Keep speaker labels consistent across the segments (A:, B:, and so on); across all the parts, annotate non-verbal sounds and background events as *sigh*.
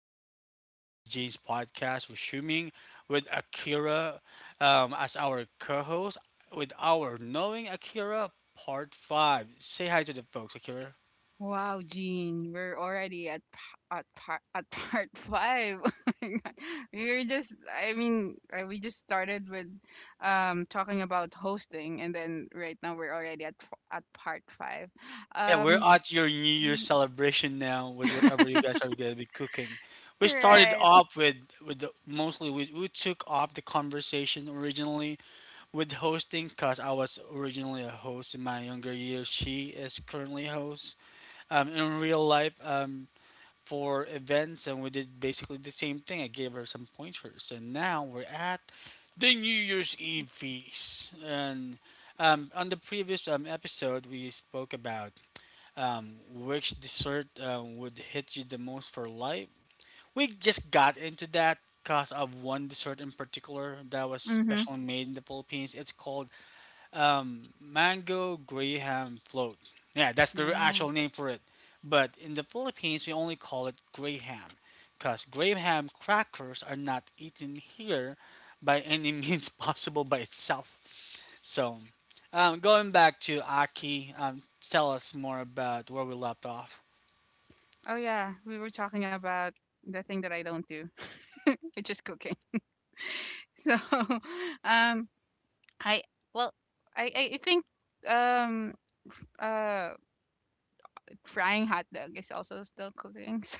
A: Again, Crazy Jeans Podcast with Shuming, with Akira as our co host, with our Knowing Akira Part 5. Say hi to the folks, Akira.
B: Wow, Jean, we're already at part *laughs* five. *laughs* Oh my God. We're just, I mean, we just started with talking about hosting, and then right now we're already at part five.
A: Yeah, we're
B: Um,
A: at your New Year's celebration now with whatever you guys are going to be cooking. We started
B: right.
A: off with with the, mostly we took off the conversation originally with hosting because I was originally a host in my younger years. She is currently a host, in real life, for events, and we did basically the same thing. I gave her some pointers, and now we're at the New Year's Eve feast. And on the previous episode, we spoke about, which dessert would hit you the most for life. We just got into that because of one dessert in particular that was
B: Mm-hmm.
A: specially made in the Philippines. It's called, mango graham float. Yeah, that's the
B: Yeah.
A: actual name for it. But in the Philippines, we only call it graham because graham crackers are not eaten here by any *laughs* means possible by itself. So, going back to Aki, tell us more about where we left off.
B: Oh yeah, we were talking about the thing that I don't do, *laughs* which is cooking. *laughs* So, *laughs* um, I, well, I think um uh frying hot dog is also still cooking. *laughs* So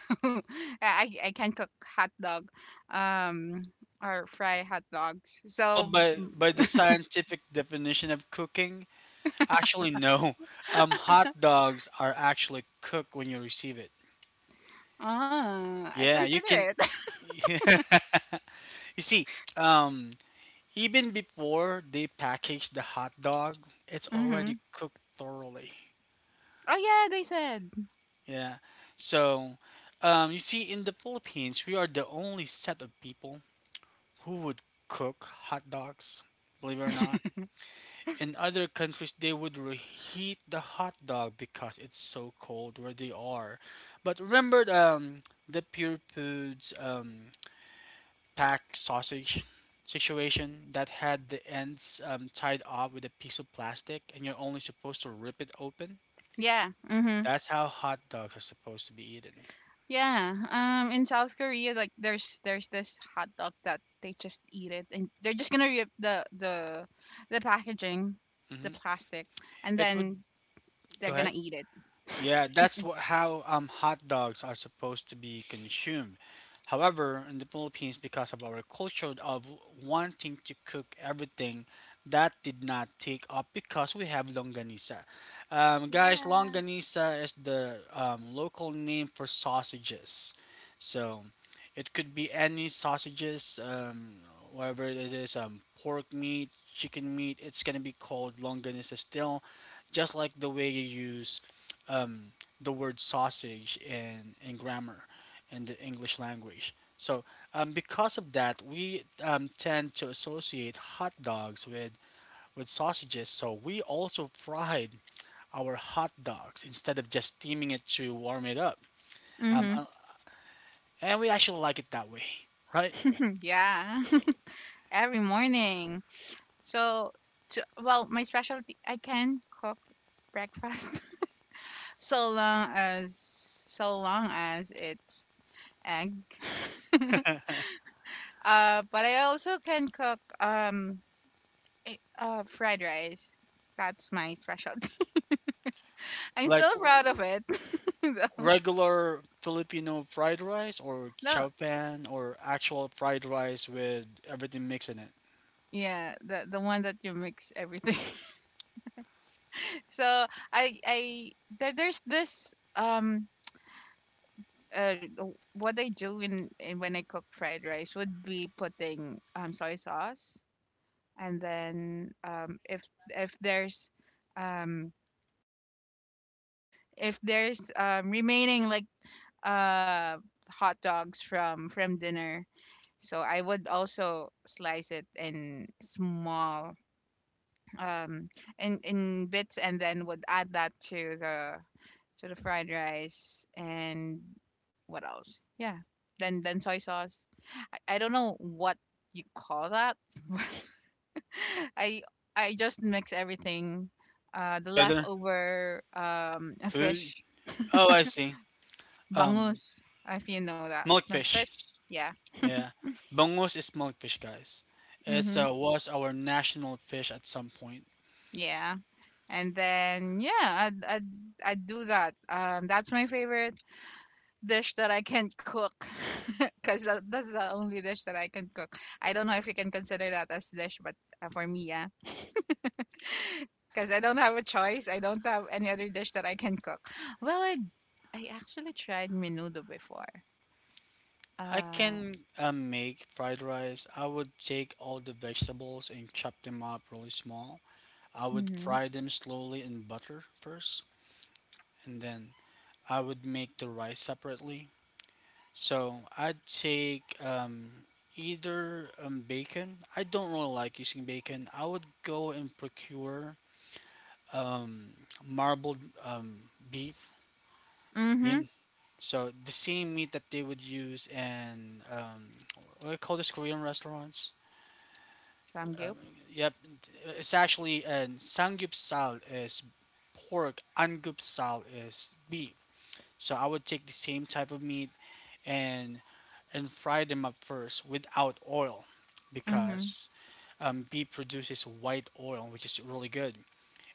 B: I can cook hot dog, um, or fry hot dogs.
A: Well,
B: So
A: by the scientific definition of cooking, actually no. Hot dogs are actually cooked when you receive it.
B: I
A: Yeah, you
B: consider
A: can
B: it. *laughs*
A: *laughs* you see, um, even before they package the hot dog, it's already
B: Mm-hmm.
A: cooked thoroughly.
B: Oh yeah, they said.
A: Yeah. So, you see, in the Philippines, we are the only set of people who would cook hot dogs, believe it or not. In other countries, they would reheat the hot dog because it's so cold where they are. But remember, the Pure Foods pack sausage situation that had the ends, tied off with a piece of plastic and you're only supposed to rip it open.
B: Yeah. Mm-hmm.
A: That's how hot dogs are supposed to be eaten.
B: Yeah. In South Korea, like there's this hot dog that they just eat it, and they're just gonna rip the packaging, the
A: hmm
B: plastic, and
A: It would
B: then they're
A: go
B: gonna
A: ahead.
B: eat it.
A: Yeah, that's what, how, hot dogs are supposed to be consumed. However, in the Philippines, because of our culture of wanting to cook everything, that did not take up because we have longanisa. Guys,
B: Yeah.
A: longanisa is the, local name for sausages. So it could be any sausages, whatever it is, pork meat, chicken meat, it's going to be called longanisa still, just like the way you use um, the word sausage in grammar in the English language. So, because of that, we tend to associate hot dogs with sausages. So, we also fried our hot dogs instead of just steaming it to warm it up. Um,
B: Mm-hmm.
A: uh, and we actually like it that way, right?
B: *clears throat* Yeah. Every morning. So, to, well, my specialty, I can cook breakfast *laughs* so long as so long as it's egg. *laughs* But I also can cook fried rice. That's my specialty. *laughs* I'm
A: Like
B: still
A: r-
B: proud of it, *laughs* though.
A: Regular Filipino fried rice or
B: No.
A: chow pan or actual fried rice with everything mixed in it
B: Yeah, the one that you mix everything. *laughs* So I I there's this what I do in when I cook fried rice would be putting soy sauce, and then if there's um, remaining like uh, hot dogs from dinner, so I would also slice it in small, um in bits, and then would add that to the fried rice, and what else, yeah, then soy sauce. I don't know what you call that, *laughs* but i I just mix everything, the
A: together.
B: leftover, a
A: Food?
B: fish,
A: Oh, I see. Um,
B: bangus, if you know, that
A: Molefish.
B: milkfish. Yeah.
A: Yeah, Bangus is molefish, guys. It's,
B: Mm-hmm.
A: was our national fish at some point.
B: Yeah. And then, yeah, I do that. That's my favorite dish that I can cook, *laughs* because that's the only dish that I can cook. I don't know if you can consider that as dish, but for me, yeah, *laughs* because I don't have a choice. I don't have any other dish that I can cook. Well, I actually tried menudo before.
A: I
B: Uh,
A: can, make fried rice. I would take all the vegetables and chop them up really small. I would
B: mhm.
A: fry them slowly in butter first, and then I would make the rice separately. So I'd take, either bacon. I don't really like using bacon. I would go and procure, um, marbled, um, beef.
B: Mhm.
A: In So the same meat that they would use in, what do you call this Korean restaurants? Um,
B: Samgyup.
A: yep, it's actually and samgyeopsal is pork, angupsal is beef. So I would take the same type of meat and and fry them up first without oil,
B: Mhm.
A: because beef produces white oil, which is really good.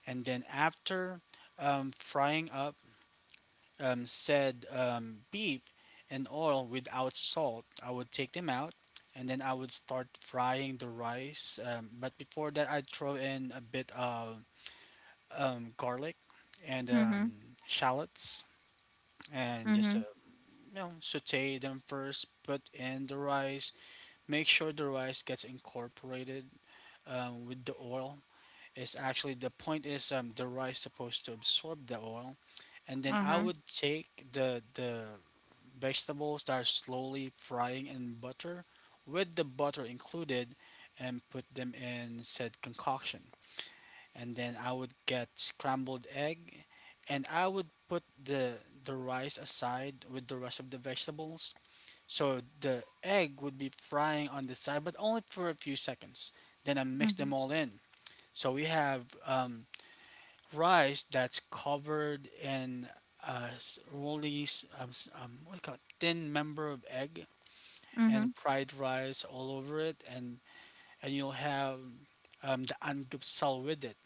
A: And then after frying up, said beef and oil without salt. I would take them out and then I would start frying the rice. But before that, I'd throw in a bit of, garlic and,
B: Mhm.
A: shallots and just,
B: Mhm.
A: saute them first, put in the rice, make sure the rice gets incorporated with the oil. It's actually the point is, the rice supposed to absorb the oil, and then
B: uh
A: I
B: huh,
A: would take the vegetables that are slowly frying in butter with the butter included and put them in said concoction. And then I would get scrambled egg and I would put the rice aside with the rest of the vegetables. So the egg would be frying on the side, but only for a few seconds. Then I mix them
B: mhm.
A: all in. So we have, rice that's covered in, what do you call it, thin member of egg, and
B: Mhm.
A: fried rice all over it, and you'll have, the angupsal with it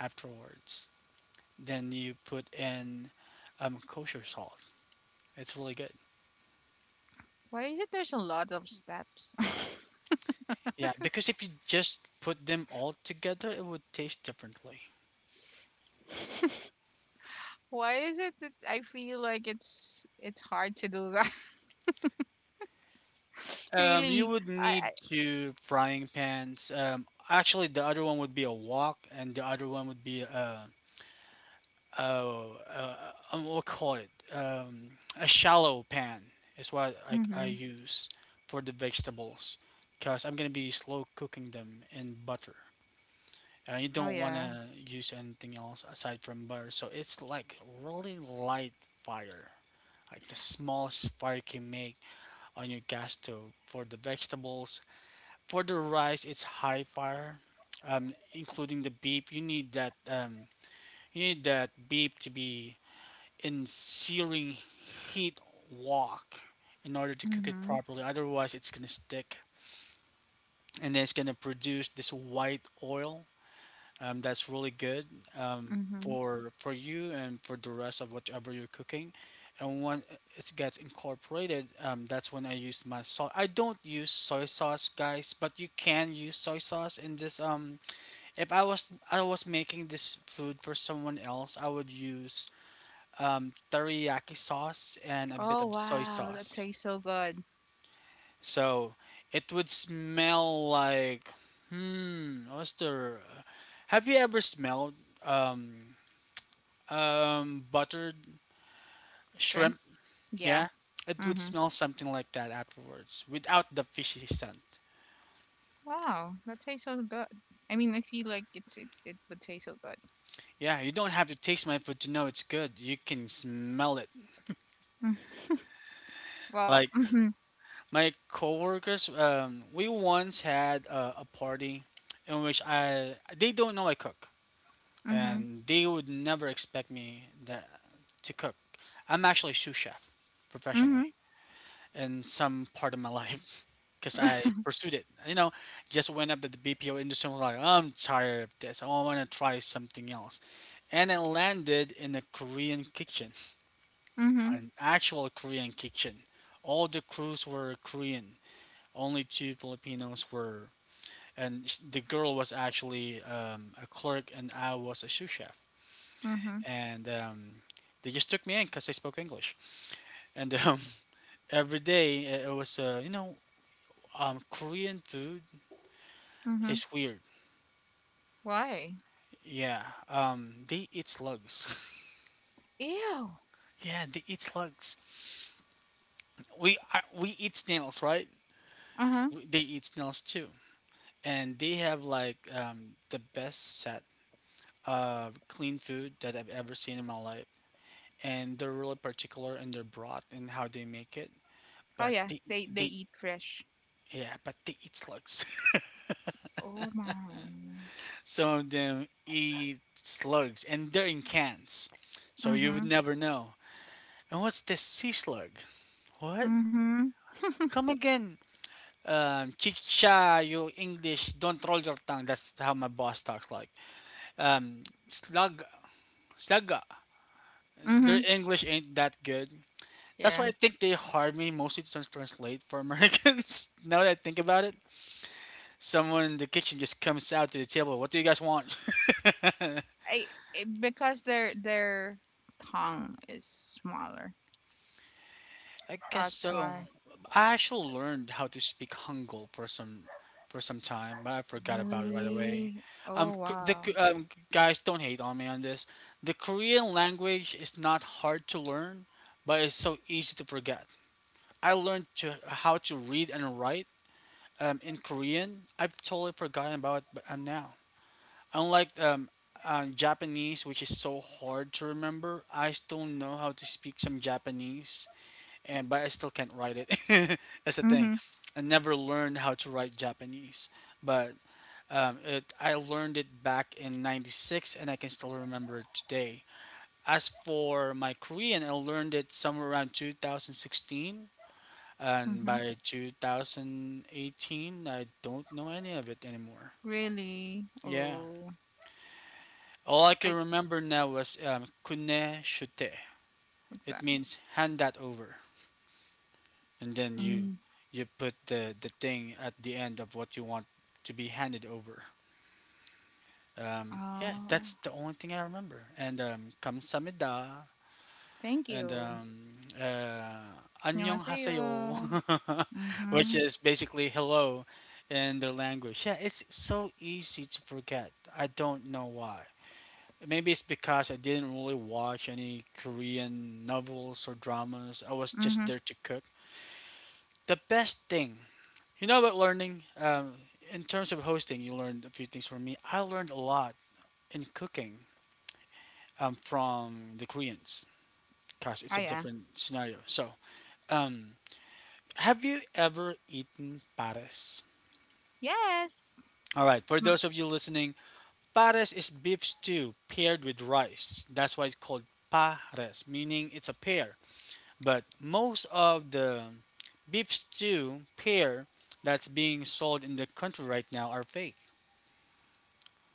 A: afterwards. Then you put in, kosher salt. It's really good.
B: Why is it there's a lot of steps?
A: Yeah, because if you just put them all together, it would taste differently.
B: *laughs* Why is it that I feel like it's hard to do that? *laughs*
A: You
B: Really,
A: would need
B: I
A: two frying pans. Actually, the other one would be a wok, and the other one would be a oh, uh, what call it? A shallow pan is what I
B: mhm.
A: use for the vegetables because I'm gonna be slow cooking them in butter. And you
B: Oh
A: don't
B: yeah.
A: wanna use anything else aside from butter, so it's like really light fire, like the smallest fire you can make on your gas stove for the vegetables. For the rice, it's high fire, including the beef. You need that, you need that beef to be in searing heat wok in order to cook it
B: Mhm.
A: properly. Otherwise, it's gonna stick, and then it's gonna produce this white oil that's really good,
B: Mhm.
A: for you and for the rest of whatever you're cooking. And when it gets incorporated, that's when I use my salt. I don't use soy sauce, guys, but you can use soy sauce in this. If I was I was making this food for someone else, I would use, teriyaki sauce and a bit
B: Oh
A: of soy
B: wow, that
A: sauce.
B: tastes so good.
A: So it would smell like, hmm, what's the? Have you ever smelled, um, buttered shrimp?
B: Shrimp? Yeah.
A: Yeah, it would
B: Mhm.
A: smell something like that afterwards, without the fishy scent.
B: Wow, that tastes so good. I mean, I feel like it would taste so good. *laughs*
A: Yeah, you don't have to taste my food to know it's good. You can smell it.
B: Mm. Well.
A: Like
B: Mhm.
A: my coworkers, we once had a party in which I they don't know I cook.
B: Mhm.
A: And they would never expect me that, to cook. I'm actually a sous chef
B: Mhm.
A: professionally in some part of my life *laughs* because I pursued it. You know, just went up to the BPO industry and was like, I'm tired of this. I want to try something else. And I landed in a Korean kitchen,
B: Mhm.
A: an actual Korean kitchen. All the crews were Korean. Only two Filipinos were, and the girl was actually, a clerk, and I was a sous chef.
B: Mhm.
A: And they just took me in because I spoke English. And, *laughs* every day it was, Korean food
B: Mhm.
A: is weird.
B: Why?
A: Yeah, they eat slugs.
B: Ew.
A: *laughs* Yeah, they eat slugs. We eat snails, right?
B: Uh-huh.
A: They eat snails too, and they have like, the best set of clean food that I've ever seen in my life. And they're really particular in their broth and how they make it.
B: Oh
A: But
B: yeah,
A: they
B: they
A: they
B: eat fresh.
A: yeah, but they eat slugs. *laughs*
B: Oh my.
A: Some of them eat slugs, and they're in cans, so you would
B: Mhm.
A: never know. And what's the sea slug? What?
B: Mhm.
A: Come again? Chicha, you English, don't roll your tongue. That's how my boss talks like. Um, Slug, slugga. Their
B: Mhm.
A: English ain't that good. That's why
B: Yeah.
A: I think they hired me mostly to translate for Americans. *laughs* Now that I think about it, someone in the kitchen just comes out to the table. What do you guys want? *laughs*
B: I It, because their tongue is smaller.
A: I guess
B: That's
A: so.
B: why.
A: I actually learned how to speak Hangul for some time, but I forgot about it right away.
B: Really?
A: Um,
B: Oh,
A: K- the
B: wow.
A: K- um, Guys, don't hate on me on this. The Korean language is not hard to learn, but it's so easy to forget. I learned to How to read and write, in Korean. I've totally forgotten about it now. Unlike, Japanese, which is so hard to remember, I still know how to speak some Japanese and but I still can't write it. *laughs* That's the thing.
B: Mm-hmm.
A: I never learned how to write Japanese, but, I learned it back in '96, and I can still remember it today. As for my Korean, I learned it somewhere around 2016, and
B: Mm-hmm.
A: by 2018, I don't know any of it anymore.
B: Really?
A: Yeah,
B: Oh,
A: all I can
B: I
A: remember now was, "kune shute."
B: what's
A: It
B: that?
A: means hand that over. And then you
B: Mm.
A: you put the thing at the end of what you want to be handed over. Yeah,
B: Oh,
A: that's the only thing I remember. And, kamsamida
B: thank
A: and,
B: you.
A: uh, annyeong haseyo,
B: 안녕하세요.
A: *laughs* which
B: Mm-hmm.
A: is basically hello in their language. Yeah, it's so easy to forget. I don't know why. Maybe it's because I didn't really watch any Korean novels or dramas. I was just
B: Mm-hmm.
A: there to cook. The best thing about learning? In terms of hosting, you learned a few things from me. I learned a lot in cooking from the Koreans because it's
B: Oh
A: a
B: yeah.
A: different scenario. So, um, have you ever eaten pares?
B: Yes.
A: All right, for
B: Mm.
A: those of you listening, pares is beef stew paired with rice. That's why it's called pares, meaning it's a pair. But most of the beef stew pair that's being sold in the country right now are fake.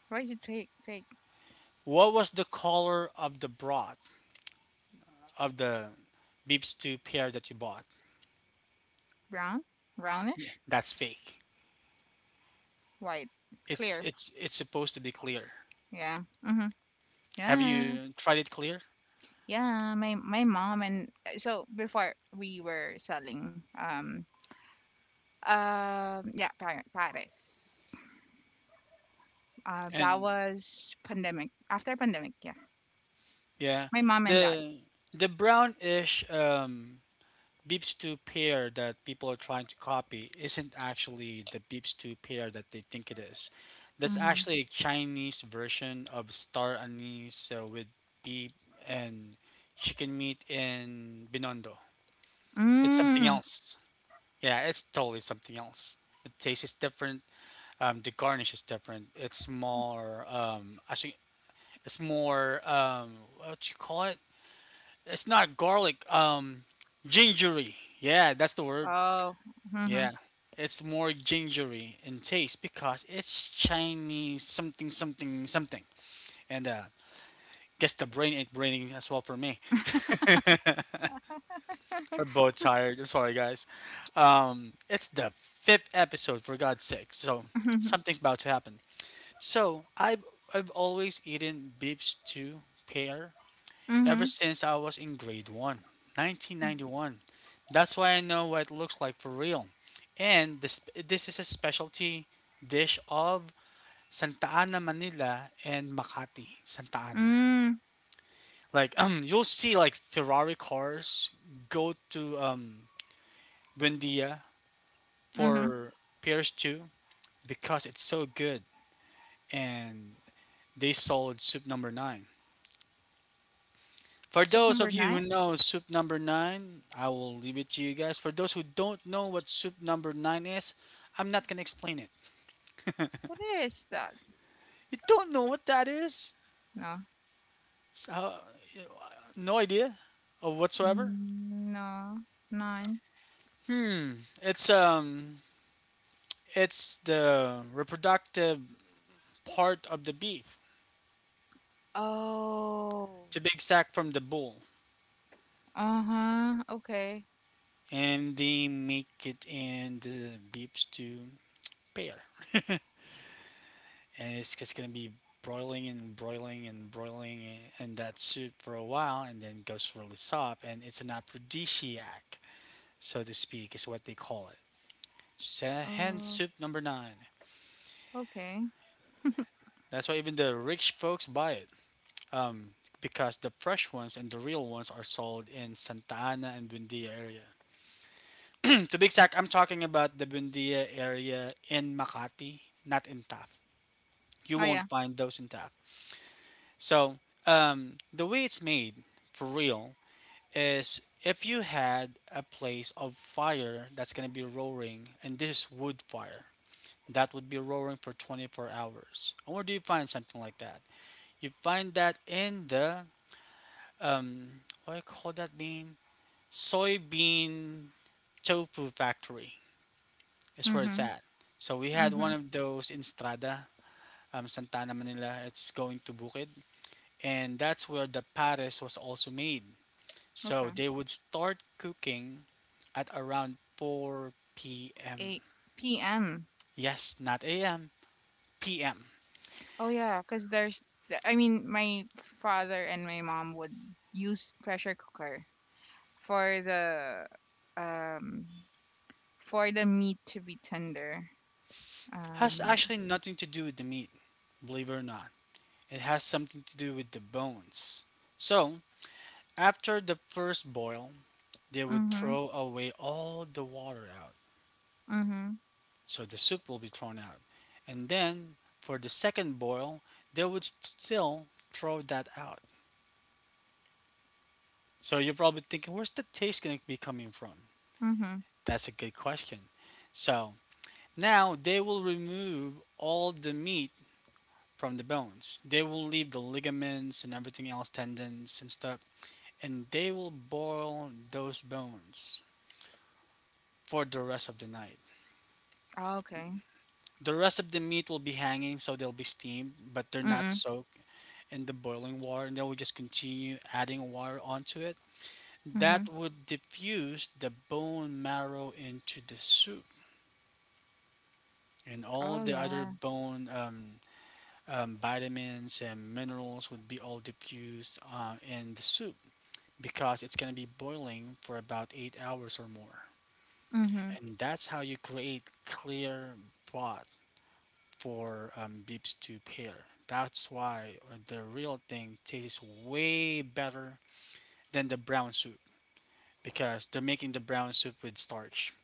B: Why is it fake? Fake?
A: What was the color of the broth of the beef stew pear that you bought?
B: Brown?
A: Yeah,
B: Brownish?
A: that's fake.
B: White?
A: It's
B: Clear?
A: it's it's supposed to be clear.
B: Yeah. Mm-hmm.
A: Have
B: Yeah.
A: you tried it clear?
B: Yeah, my mom and, so before we were selling, yeah, Paris. That
A: And
B: was pandemic. After pandemic, yeah.
A: yeah,
B: My mom and dad.
A: the brownish beef stew pear that people are trying to copy isn't actually the beef stew pear that they think it is. That's
B: Mm-hmm.
A: actually a Chinese version of star anise with beef and chicken meat in binondo. It's something
B: Mm.
A: else. Yeah, it's totally something else. The taste is different. The garnish is different. It's more actually, it's more what you call it? It's not garlic. Gingery. Yeah, that's the word.
B: Oh. Mm-hmm.
A: Yeah, it's more gingery in taste because it's Chinese something something something. And guess the brain ain't braining as well for me. *laughs* We're both tired. I'm sorry, guys. It's the fifth episode, for God's sake. So
B: *laughs*
A: something's about to happen. So I've always eaten beef stew pear ever
B: Mm-hmm.
A: since I was in grade one, nineteen ninety
B: Mm-hmm.
A: one. That's why I know what it looks like for real. And this is a specialty dish of Santa Ana, Manila, and Makati, Santa Ana.
B: Mm.
A: Like you'll see like Ferrari cars go to Buendia
B: Mm-hmm.
A: for PS2 because it's so good and they sold Soup Number 9. For
B: Soup
A: those
B: number
A: of you
B: nine?
A: who know Soup Number 9, I will leave it to you guys. For those who don't know what Soup Number 9 is, I'm not going to explain it.
B: What is that?
A: You don't know what that is?
B: No.
A: So, no idea of whatsoever?
B: Mm. No. Nine.
A: Hmm, it's it's the reproductive part of the beef.
B: Oh.
A: It's a big sack from the bull.
B: Uh-huh. Okay.
A: And they make it in the beef stew. Pair, *laughs* and it's just gonna be broiling and broiling and broiling in that soup for a while, and then goes really soft. And it's an aphrodisiac, so to speak, is what they call it. Hen
B: Uh,
A: soup number nine.
B: okay.
A: That's why even the rich folks buy it. Um, because the fresh ones and the real ones are sold in Santa Ana and Bundia area. *clears throat* to be exact, I'm talking about the Bundia area in Makati, not in Taft. You
B: Oh,
A: won't
B: yeah.
A: find those in Taft. So, the way it's made for real is if you had a place of fire that's going to be roaring, and this is wood fire, that would be roaring for 24 hours. And where do you find something like that? You find that in the, um, what do you call that bean? Soybean tofu factory is where
B: Mm-hmm.
A: it's at. So we had
B: Mm-hmm.
A: one of those in Strada, Santa Ana Manila. It's going to Bukid. And that's where the pares was also made. So
B: Okay.
A: they would start cooking at around 4 p.m.
B: 8 p.m.
A: Yes, not a.m., p.m.
B: Oh yeah, because I mean, my father and my mom would use pressure cooker for the um for the meat to be tender.
A: Has
B: Um
A: actually nothing to do with the meat, believe it or not. It has something to do with the bones. So, after the first boil, they would
B: mhm.
A: throw away all the water out.
B: Mhm.
A: So the soup will be thrown out. And then for the second boil, they would still throw that out. So you're probably thinking, where's the taste going to be coming from?
B: Mhm.
A: That's a good question. So now they will remove all the meat from the bones. They will leave the ligaments and everything else, tendons and stuff, and they will boil those bones for the rest of the night.
B: Oh, okay.
A: The rest of the meat will be hanging, so they'll be steamed, but they're not
B: Mhm.
A: soaked in the boiling water, and they will just continue adding water onto it.
B: Mhm.
A: That would diffuse the bone marrow into the soup and
B: Oh
A: all the other
B: yeah.
A: bone vitamins and minerals would be all diffused in the soup because it's going to be boiling for about 8 hours or more.
B: Mhm.
A: And that's how you create clear broth for beef stew pair. That's why the real thing tastes way better than the brown soup because they're making the brown soup with starch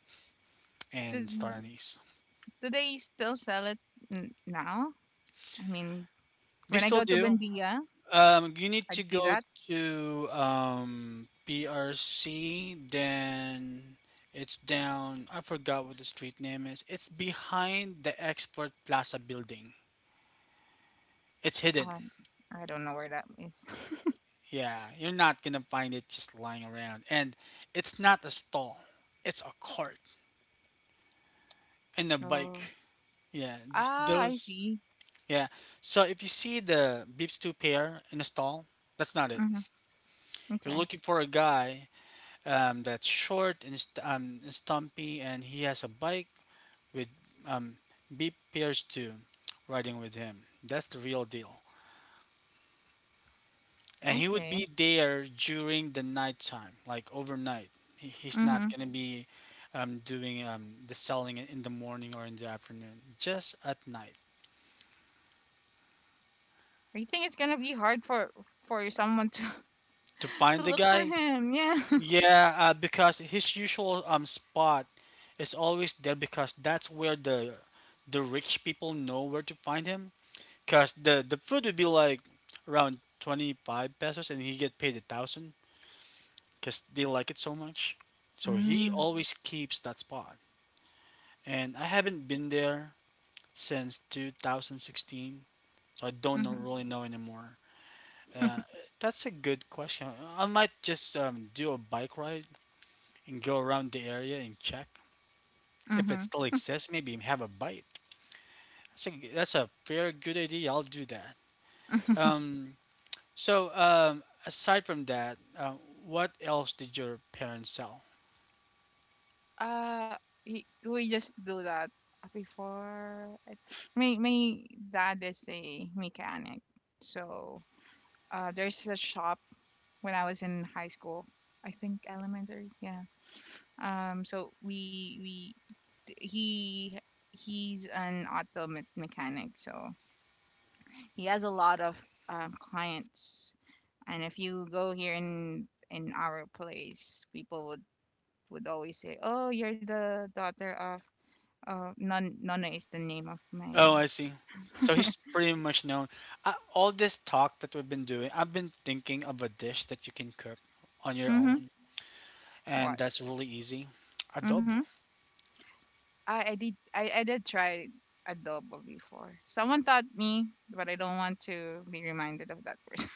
B: Do,
A: and star anise.
B: do they still sell it now? I mean,
A: They
B: when I
A: still
B: go to
A: do.
B: Bendia,
A: You need
B: I'd
A: to
B: see
A: go
B: that.
A: to PRC, then it's down. I forgot what the street name is. It's behind the Export Plaza building. It's hidden.
B: Um, I don't know where that is. *laughs*
A: Yeah, you're not gonna find it just lying around. And it's not a stall, it's a cart and a bike.
B: Oh.
A: Yeah, this,
B: Ah, I
A: those.
B: see.
A: Yeah, so if you see the Beeps 2 pair in a stall, that's not it.
B: Mhm.
A: You're
B: Okay.
A: looking for a guy that's short and stumpy, and he has a bike with um, B. Pierce too, riding with him. That's the real deal. And he would
B: Okay.
A: be there during the nighttime, like overnight. He's
B: Mm-hmm.
A: not gonna be doing the selling in the morning or in the afternoon, just at night.
B: I think it's gonna be hard for someone to
A: To
B: *laughs* to
A: find the
B: look for
A: guy,
B: him. Yeah. *laughs*
A: yeah, because his usual spot is always there because that's where the rich people know where to find him. Cause the food would be like around 25 pesos, and he get paid 1,000. Cause they like it so much, so he
B: Mm-hmm.
A: always keeps that spot. And I haven't been there since 2016, so I don't know, really know anymore. Uh, that's a good question. I might just do a bike ride and go around the area and check if
B: Mm-hmm.
A: it still exists. Maybe have a bite. That's a fair good idea. I'll do that. Um, So, aside from that, what else did your parents sell?
B: Uh, we just do that before. My dad is a mechanic, so there's a shop when I was in high school. I think elementary. Yeah. So we d- he he's an auto mechanic, so he has a lot of clients. And if you go here in our place, people would always say, "Oh, you're the daughter of Nun Nona is the name of my."
A: Oh, I see. So he's pretty much known. All this talk that we've been doing, I've been thinking of a dish that you can cook on your
B: Mhm.
A: own, and
B: What?
A: that's really easy.
B: Mhm.
A: Adobo.
B: I did try adobo before. Someone taught me, but I don't want to be reminded of that person.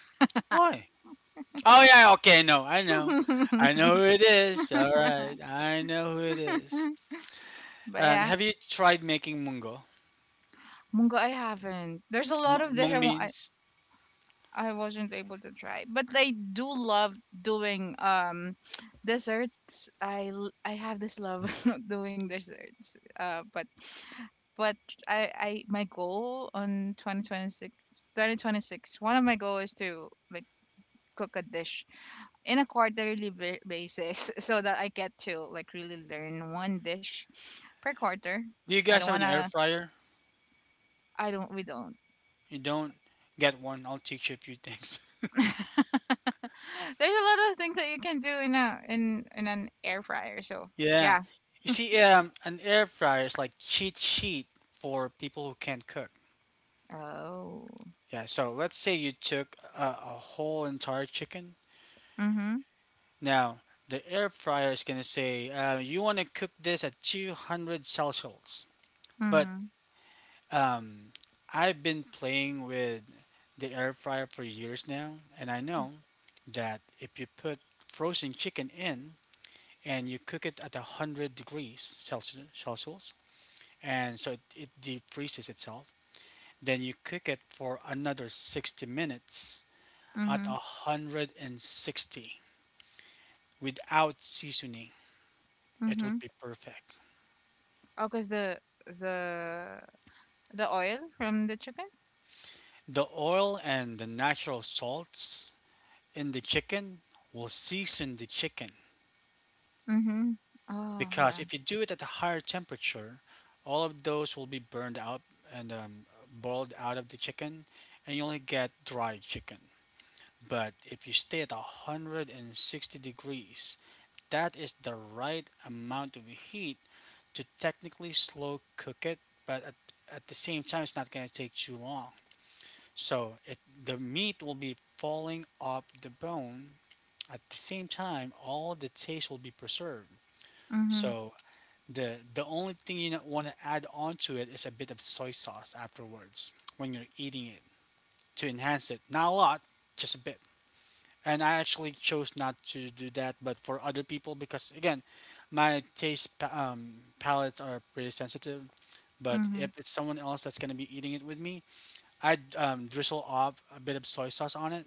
A: Why? Oh yeah. Okay. No, I know. I
B: *laughs*
A: know who it is. All right. I know who it is.
B: But
A: And
B: yeah,
A: have you tried making mungo?
B: mungo I haven't. There's a lot of dish
A: Mung beans.
B: I wasn't able to try, but I do love doing *sniffs* *tsk* desserts. I have this love *laughs* of doing desserts. But I my goal on 2026 2026, one of my goal is to like cook a dish in a quarterly basis, *laughs* so that I get to like really learn one dish per quarter.
A: Do you
B: I don't
A: guys have an air
B: wanna.
A: fryer?
B: I don't. We don't.
A: You don't. Get one. I'll teach you a few *laughs* things.
B: There's a lot of things that you can do in a in in an air fryer. So
A: Yeah.
B: yeah.
A: You see, an air fryer is like cheat sheet for people who can't cook.
B: Oh.
A: Yeah. So let's say you took a whole entire chicken.
B: Mhm.
A: Now the air fryer is gonna say, you want to cook this at 200 Celsius. But
B: Mhm.
A: um, I've been playing with the air fryer for years now, and I know that if you put frozen chicken in and you cook it at 100 degrees Celsius and so it deep freezes itself. Then you cook it for another 60 minutes at
B: Mhm.
A: 160 without seasoning. It would
B: Mhm.
A: be perfect.
B: Oh, cause the the oil from the chicken.
A: The oil and the natural salts in the chicken will season the chicken
B: Mhm. Oh
A: because
B: yeah.
A: if you do it at a higher temperature, all of those will be burned out and boiled out of the chicken, and you only get dry chicken. But if you stay at 160 degrees, that is the right amount of heat to technically slow cook it, but at the same time, it's not going to take too long. So the meat will be falling off the bone. At the same time, all the taste will be preserved.
B: Mhm.
A: So the only thing you want to add onto it is a bit of soy sauce afterwards when you're eating it to enhance it. Not a lot, just a bit and I actually chose not to do that. But for other people, because again, my taste palettes are pretty sensitive. But
B: Mhm.
A: if it's someone else that's gonna be eating it with me, I'd drizzle off a bit of soy sauce on it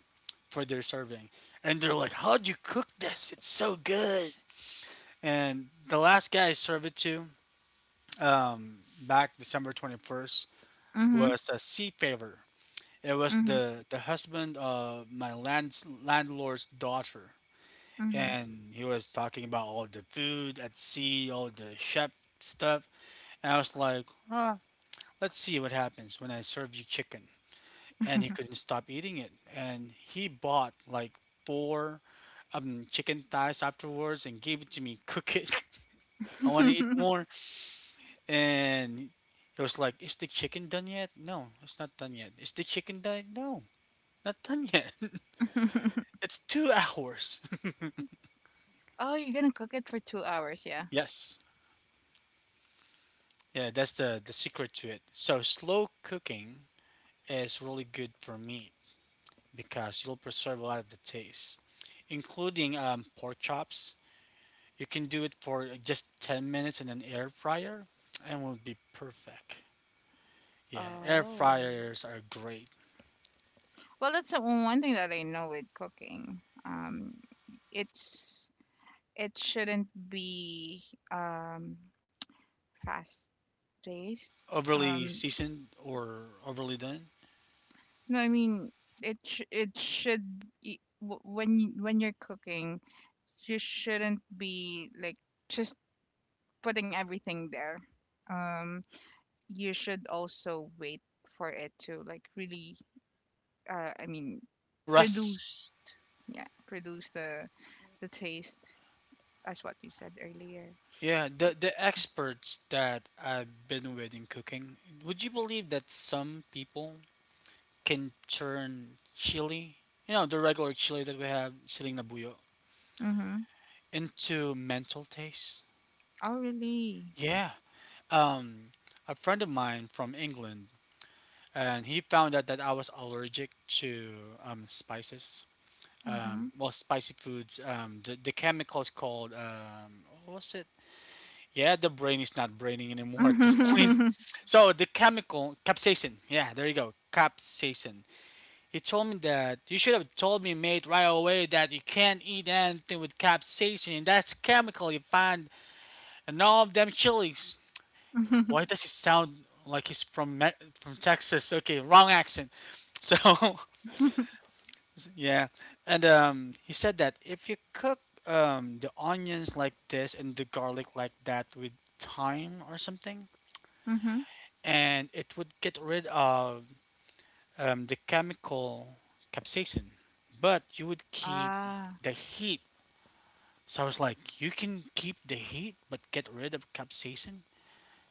A: for their serving, and they're like, "How'd you cook this? It's so good." And the last guy I served it to, back December 21st,
B: Mhm.
A: was a sea favor. It was
B: Mhm.
A: the husband of my landlord's daughter
B: Mhm.
A: and he was talking about all the food at sea, all the chef stuff, and I was like, ah, let's see what happens when I serve you chicken. And he couldn't stop eating it, and he bought like four chicken thighs afterwards and gave it to me. Cook it. *laughs* I want to eat
B: *laughs*
A: more. And he was like, "Is the chicken done yet? No, it's not done yet. Is the chicken done? No, not done yet. *laughs* it's 2 hours.
B: Oh, you're gonna cook it for 2 hours. Yeah.
A: *laughs* yes." Yeah, that's the secret to it. So slow cooking is really good for me because you'll preserve a lot of the taste, including pork chops. You can do it for just 10 minutes in an air fryer, and will be perfect. Yeah, air
B: Oh.
A: fryers are great.
B: Well, that's the one thing that I know with cooking. It's it shouldn't be um fast taste.
A: Overly
B: Um,
A: seasoned or overly done.
B: no, I mean it. It should be, when you're cooking, you shouldn't be like just putting everything there. Um, you should also wait for it to like really. I mean,
A: Russ.
B: produce. Yeah, produce the taste as what you said earlier.
A: Yeah, the experts that I've been with in cooking. Would you believe that some people can turn chili, you know, the regular chili that we have, siling na buyo,
B: Mm-hmm.
A: into mental taste.
B: Oh, really?
A: Yeah. Um, a friend of mine from England, and he found out that I was allergic to spices.
B: Mm-hmm.
A: Well, spicy foods. The chemical is called, what was it? Yeah, the brain is not braining anymore at this *laughs* point.
B: *laughs*
A: So the chemical capsaicin. Yeah, there you go. Capsaicin. He told me that you should have told me, mate, right away that you can't eat anything with capsaicin. And That's chemical you find in all of them chilies. Why does he sound like he's from from Texas? Okay, wrong accent. So *laughs* yeah, and he said that if you cook the onions like this and the garlic like that with thyme or something,
B: Mm-hmm.
A: and it would get rid of the chemical capsaicin, but you would keep
B: Ah.
A: the heat. So I was like, you can keep the heat but get rid of capsaicin?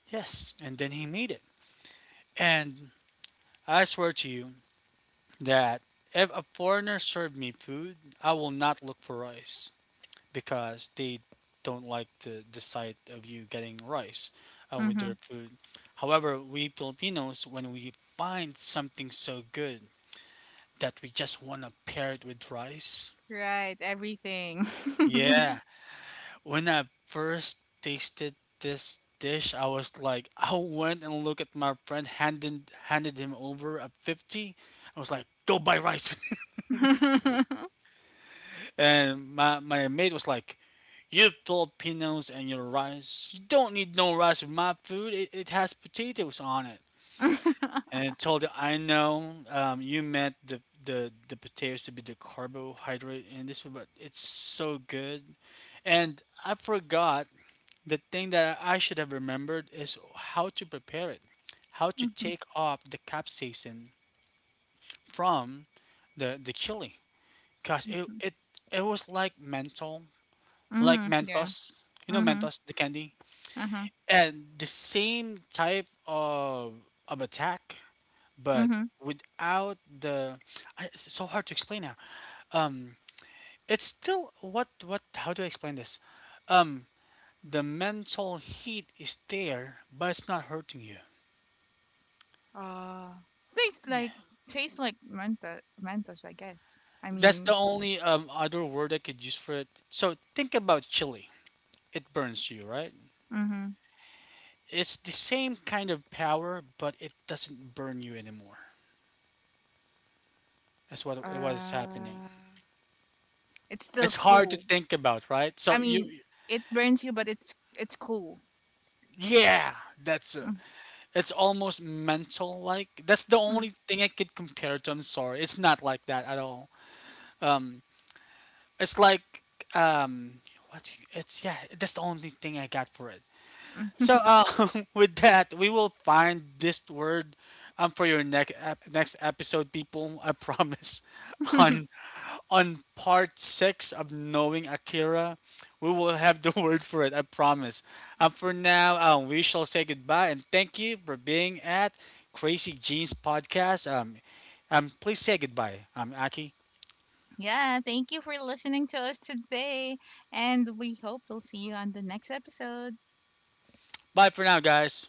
A: Yes. And then he made it. And I swear to you that if a foreigner served me food, I will not look for rice because they don't like the sight of you getting rice with
B: Mm-hmm.
A: their food. However, we Filipinos, when we find something so good that we just want to pair it with rice,
B: Right, everything.
A: yeah. When I first tasted this dish, I was like, I went and looked at my friend, handed him over a 50. I was like, go buy rice,
B: *laughs*
A: *laughs* and my mate was like, you Filipinos and your rice, you don't need no rice with my food. It has potatoes on it.
B: Mhm.
A: And I told him, I know you meant the potatoes to be the carbohydrate in this, one, but it's so good. And I forgot. The thing that I should have remembered is how to prepare it, how to take off the capsaicin from the chili. Cause it
B: Mhm.
A: it it was like menthol, like
B: Mhm. Yeah.
A: Mentos, you know
B: Mhm.
A: Mentos, the candy,
B: Uh-huh.
A: and the same type of attack, but
B: Mhm.
A: without the. I, it's so hard to explain now. Um, it's still what what? How do I explain this? Um, the mental heat is there, but it's not hurting you.
B: Uh, Tastes like tastes like Mentos, Mentos, I guess. I
A: That's
B: mean,
A: the only other word I could use for it. So think about chili. It burns you, right?
B: mhm.
A: It's the same kind of power, but it doesn't burn you anymore. That's what is happening.
B: Uh, it's still
A: It's hard to
B: cool.
A: think about, right? So
B: I mean,
A: you,
B: it burns you, but it's cool.
A: yeah, that's
B: Mm.
A: it's almost mental. Like that's the
B: Mm.
A: only thing I could compare to. I'm sorry, it's not like that at all. Um, it's like um, what? Do you- It's yeah. That's the only thing I got for it.
B: Mm.
A: So *laughs* with that, we will find this word for your next episode, people. I promise. *laughs* On
B: *laughs*
A: part six of knowing Akira, we will have the *laughs* word for it. I promise. For now, we shall say goodbye and thank you for being at Crazy Jeans Podcast. Please say goodbye. Aki.
B: Yeah, thank you for listening to us today, and we hope we'll see you on the next episode.
A: Bye for now, guys.